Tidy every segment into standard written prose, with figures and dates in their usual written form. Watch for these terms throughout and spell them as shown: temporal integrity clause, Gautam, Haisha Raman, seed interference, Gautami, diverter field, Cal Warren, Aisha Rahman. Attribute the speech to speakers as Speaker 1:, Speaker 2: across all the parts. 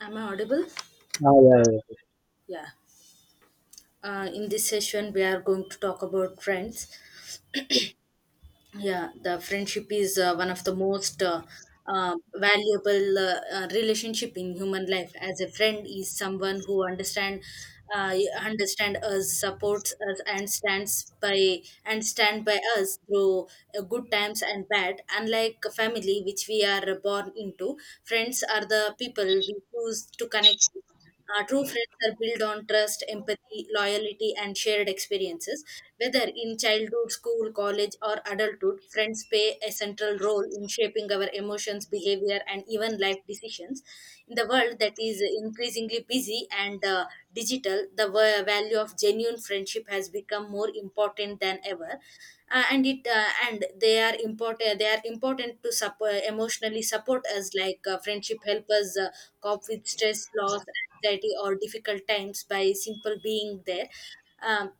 Speaker 1: Am I audible?
Speaker 2: Yeah, yeah, yeah,
Speaker 1: Yeah. In this session, we are going to talk about friends. Yeah, the friendship is one of the most valuable relationship in human life. As a friend is someone who understand us, supports us, and stand by us through good times and bad. Unlike family, which we are born into, friends are the people we choose to connect with. True friends are built on trust, empathy, loyalty, and shared experiences. Whether in childhood, school, college, or adulthood, friends play a central role in shaping our emotions, behavior, and even life decisions. In the world that is increasingly busy and digital, the value of genuine friendship has become more important than ever. And they are important to support, emotionally support us, like friendship help us cope with stress, loss, anxiety, or difficult times by simple being there. um,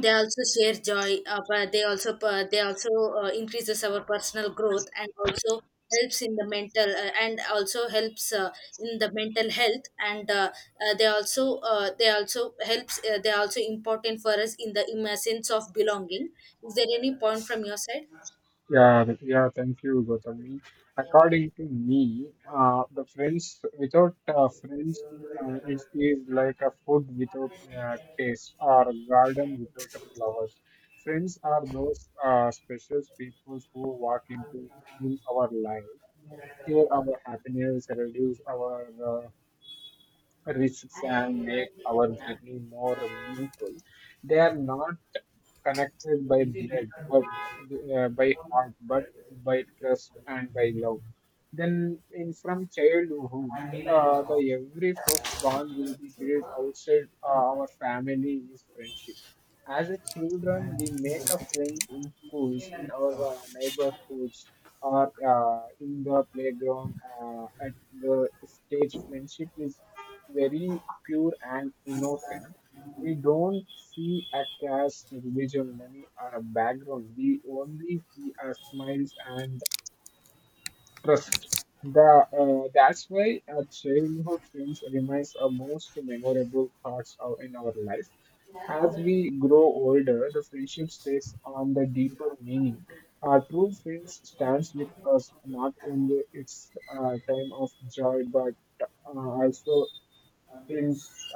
Speaker 1: they also share joy but they also increases our personal growth and also helps in the mental and also helps in the mental health and they are also important for us in the in sense of belonging. Is there any point from your side?
Speaker 2: yeah, thank you, Gautami. According to me, the friends without friends, it is like a food without taste or a garden without a flowers. Friends are those special people who walk into in our life, share our happiness, reduce our uh, risks and make our journey more meaningful. They are not connected by blood, but by heart, but by trust and by love. Then, in from childhood, the every first bond will be built outside our family is friendship. As a children, we make a friend in schools, in our neighborhoods, or in the playground. At the stage, friendship is very pure and innocent. We don't see a caste, religion, money, or a background. We only see a smiles and trust. That's why our childhood friends remains our most memorable thoughts of, in our life. As we grow older, the friendship takes on the deeper meaning. Our true friends stands with us not only its time of joy, but also in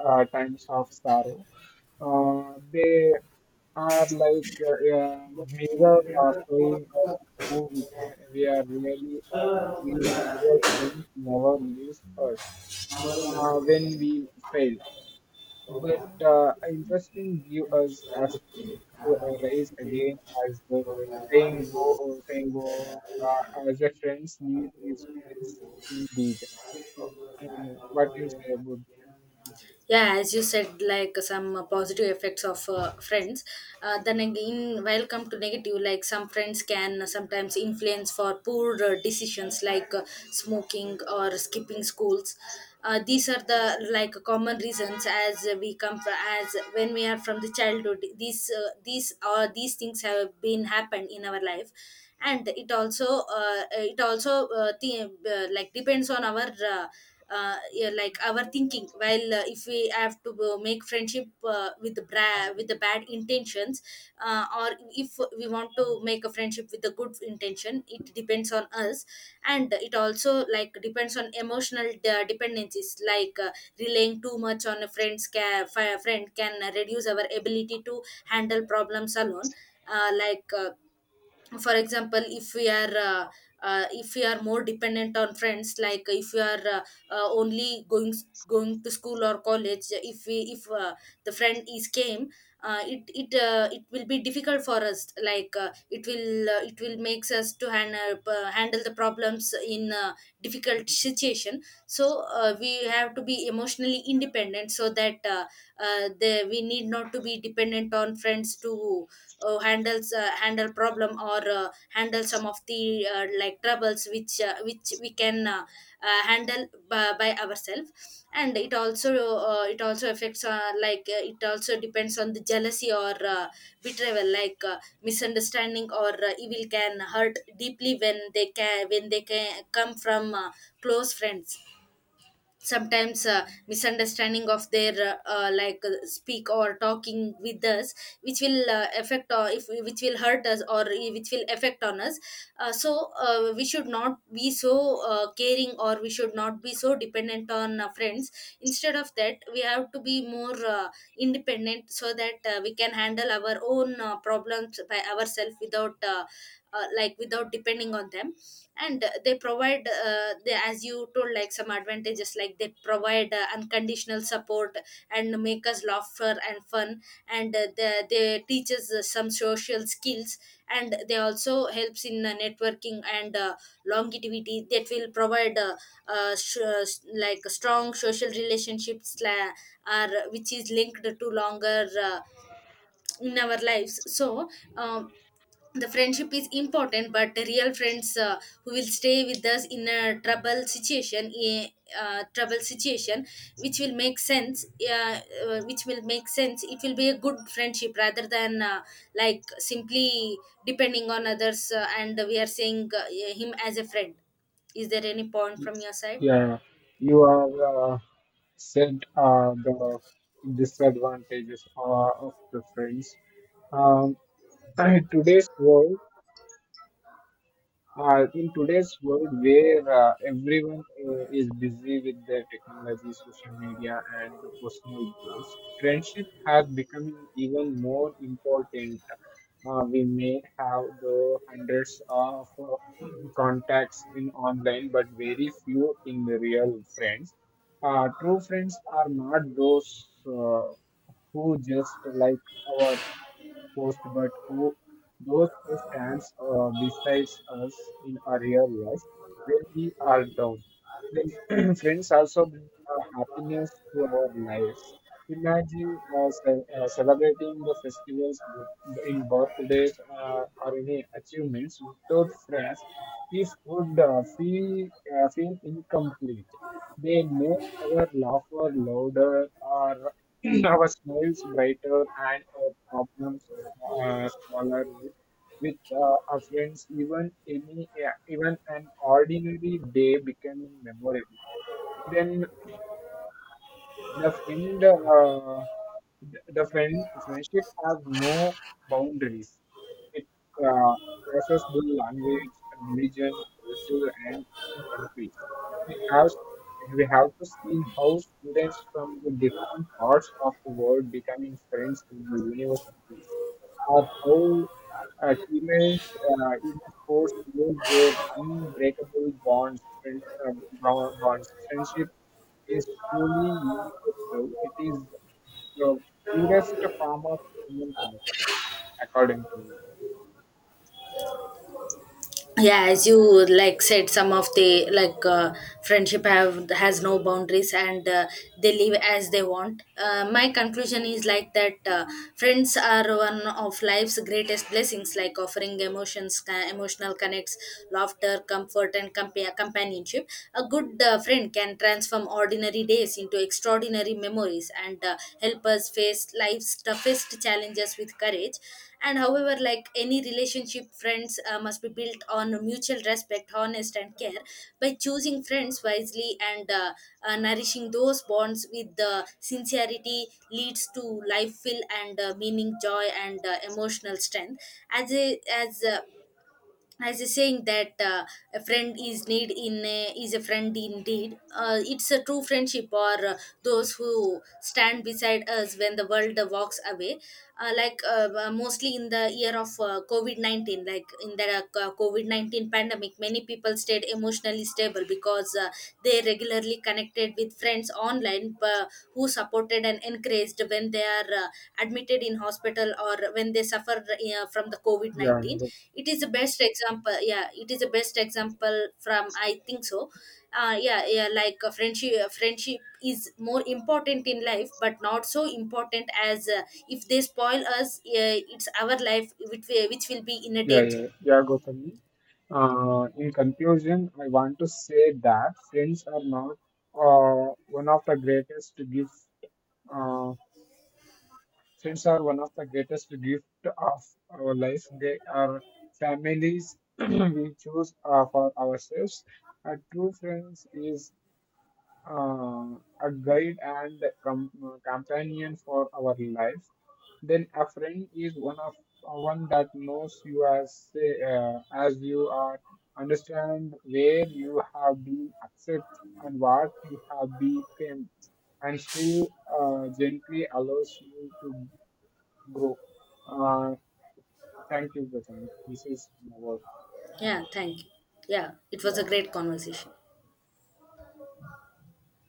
Speaker 2: times of sorrow. They are like mirror showing us who we, we are really. We real things never leaves us when we fail. But interesting give us as to rise again as the saying goes, as a friends need is friends indeed. Uh, I don't know. What do you say about this?
Speaker 1: Yeah, as you said, like some positive effects of friends. Then again, while come to negative, like some friends can sometimes influence for poor decisions, like smoking or skipping schools. These are the like common reasons, as we come from, as when we are from the childhood, these these things have been happened in our life. And like depends on our yeah, like our thinking. While if we have to make friendship with the bad intentions, or if we want to make a friendship with a good intention, it depends on us. And it also like depends on emotional dependencies, like relying too much on a friend can reduce our ability to handle problems alone. Like, for example, if we are more dependent on friends, like if we are only going to school or college. If we if the friend is came, it will be difficult for us. Like, it will makes us to handle, the problems in difficult situation. So, we have to be emotionally independent, so that we need not to be dependent on friends to handle problem, or handle some of the like troubles which we can handle by ourselves. And it also affects. Like, it also depends on the jealousy or betrayal, like misunderstanding or evil can hurt deeply when they can come from close friends. Sometimes misunderstanding of their like speak or talking with us which will affect, or if which will hurt us, or which will affect on us. So, we should not be so caring, or we should not be so dependent on friends. Instead of that, we have to be more independent, so that we can handle our own problems by ourselves without like without depending on them. And as you told, like some advantages, like they provide unconditional support and make us laughter and fun. And they teach us some social skills. And they also helps in networking and longevity, that will provide like strong social relationships, are which is linked to longer in our lives. So, um, the friendship is important, but real friends who will stay with us in a trouble situation, a trouble situation which will make sense. It will be a good friendship, rather than like simply depending on others. And we are saying him as a friend. Is there any point from your side?
Speaker 2: Yeah, you are said the disadvantages of the friends. Um, today's world in today's world where everyone is busy with their technology, social media, and the personal goals, friendship has become even more important. We may have the hundreds of contacts in online, but very few in the real friends. True friends are not those who just like our post, but who those who stands beside us in our real life when we are down. Friends also bring happiness to our lives. Imagine celebrating the festivals in birthdays or any achievements without friends. It would feel incomplete. They make our laughter louder or our smiles brighter and our problems smaller with our friends. Even yeah, even an ordinary day becoming memorable. Then the friend. The friend friendship has no boundaries. It uh, crosses the language, religion, culture, and even countries. We have we have to see how students from the different parts of the world becoming friends in the universities, or how teammates in sports build their unbreakable bonds. Bonds. Friendship is truly universal. It is the purest form of human connection, according to
Speaker 1: Yeah, as you like said, some of the like friendship have has no boundaries, and they live as they want. My conclusion is like that friends are one of life's greatest blessings, like offering emotions, emotional connects, laughter, comfort, and companionship. A good friend can transform ordinary days into extraordinary memories, and help us face life's toughest challenges with courage. And however, like any relationship, friends must be built on mutual respect, honest, and care. By choosing friends wisely and nourishing those bonds with the sincerity, leads to life fill and meaning joy and emotional strength. As a as uh, as a saying that a friend is need in a, is a friend indeed. It's a true friendship, or those who stand beside us when the world walks away. Like mostly in the year of COVID-19, like in the COVID-19 pandemic, many people stayed emotionally stable because they regularly connected with friends online, who supported and encouraged when they are admitted in hospital, or when they suffer from the
Speaker 2: yeah,
Speaker 1: COVID-19.
Speaker 2: Go-
Speaker 1: It is the best example. Yeah, it is the best example from, I think so. Yeah, yeah, like friendship friendship is more important in life, but not so important as if they spoil us, it's our life which, which will be in a
Speaker 2: yeah,
Speaker 1: danger.
Speaker 2: Gautami. In conclusion, I want to say that friends are not one of the greatest gifts. Uh, friends are one of the greatest gift of our life. They are families we choose for ourselves. A true friends is uh, a guide and companion for our life. Then a friend is one that knows you as you are, understand where you have been, accept and what you have become, and still gently allows you to grow. Uh, Thank you, Gautam. This is my work.
Speaker 1: Yeah, thank you. Yeah, it was a great conversation.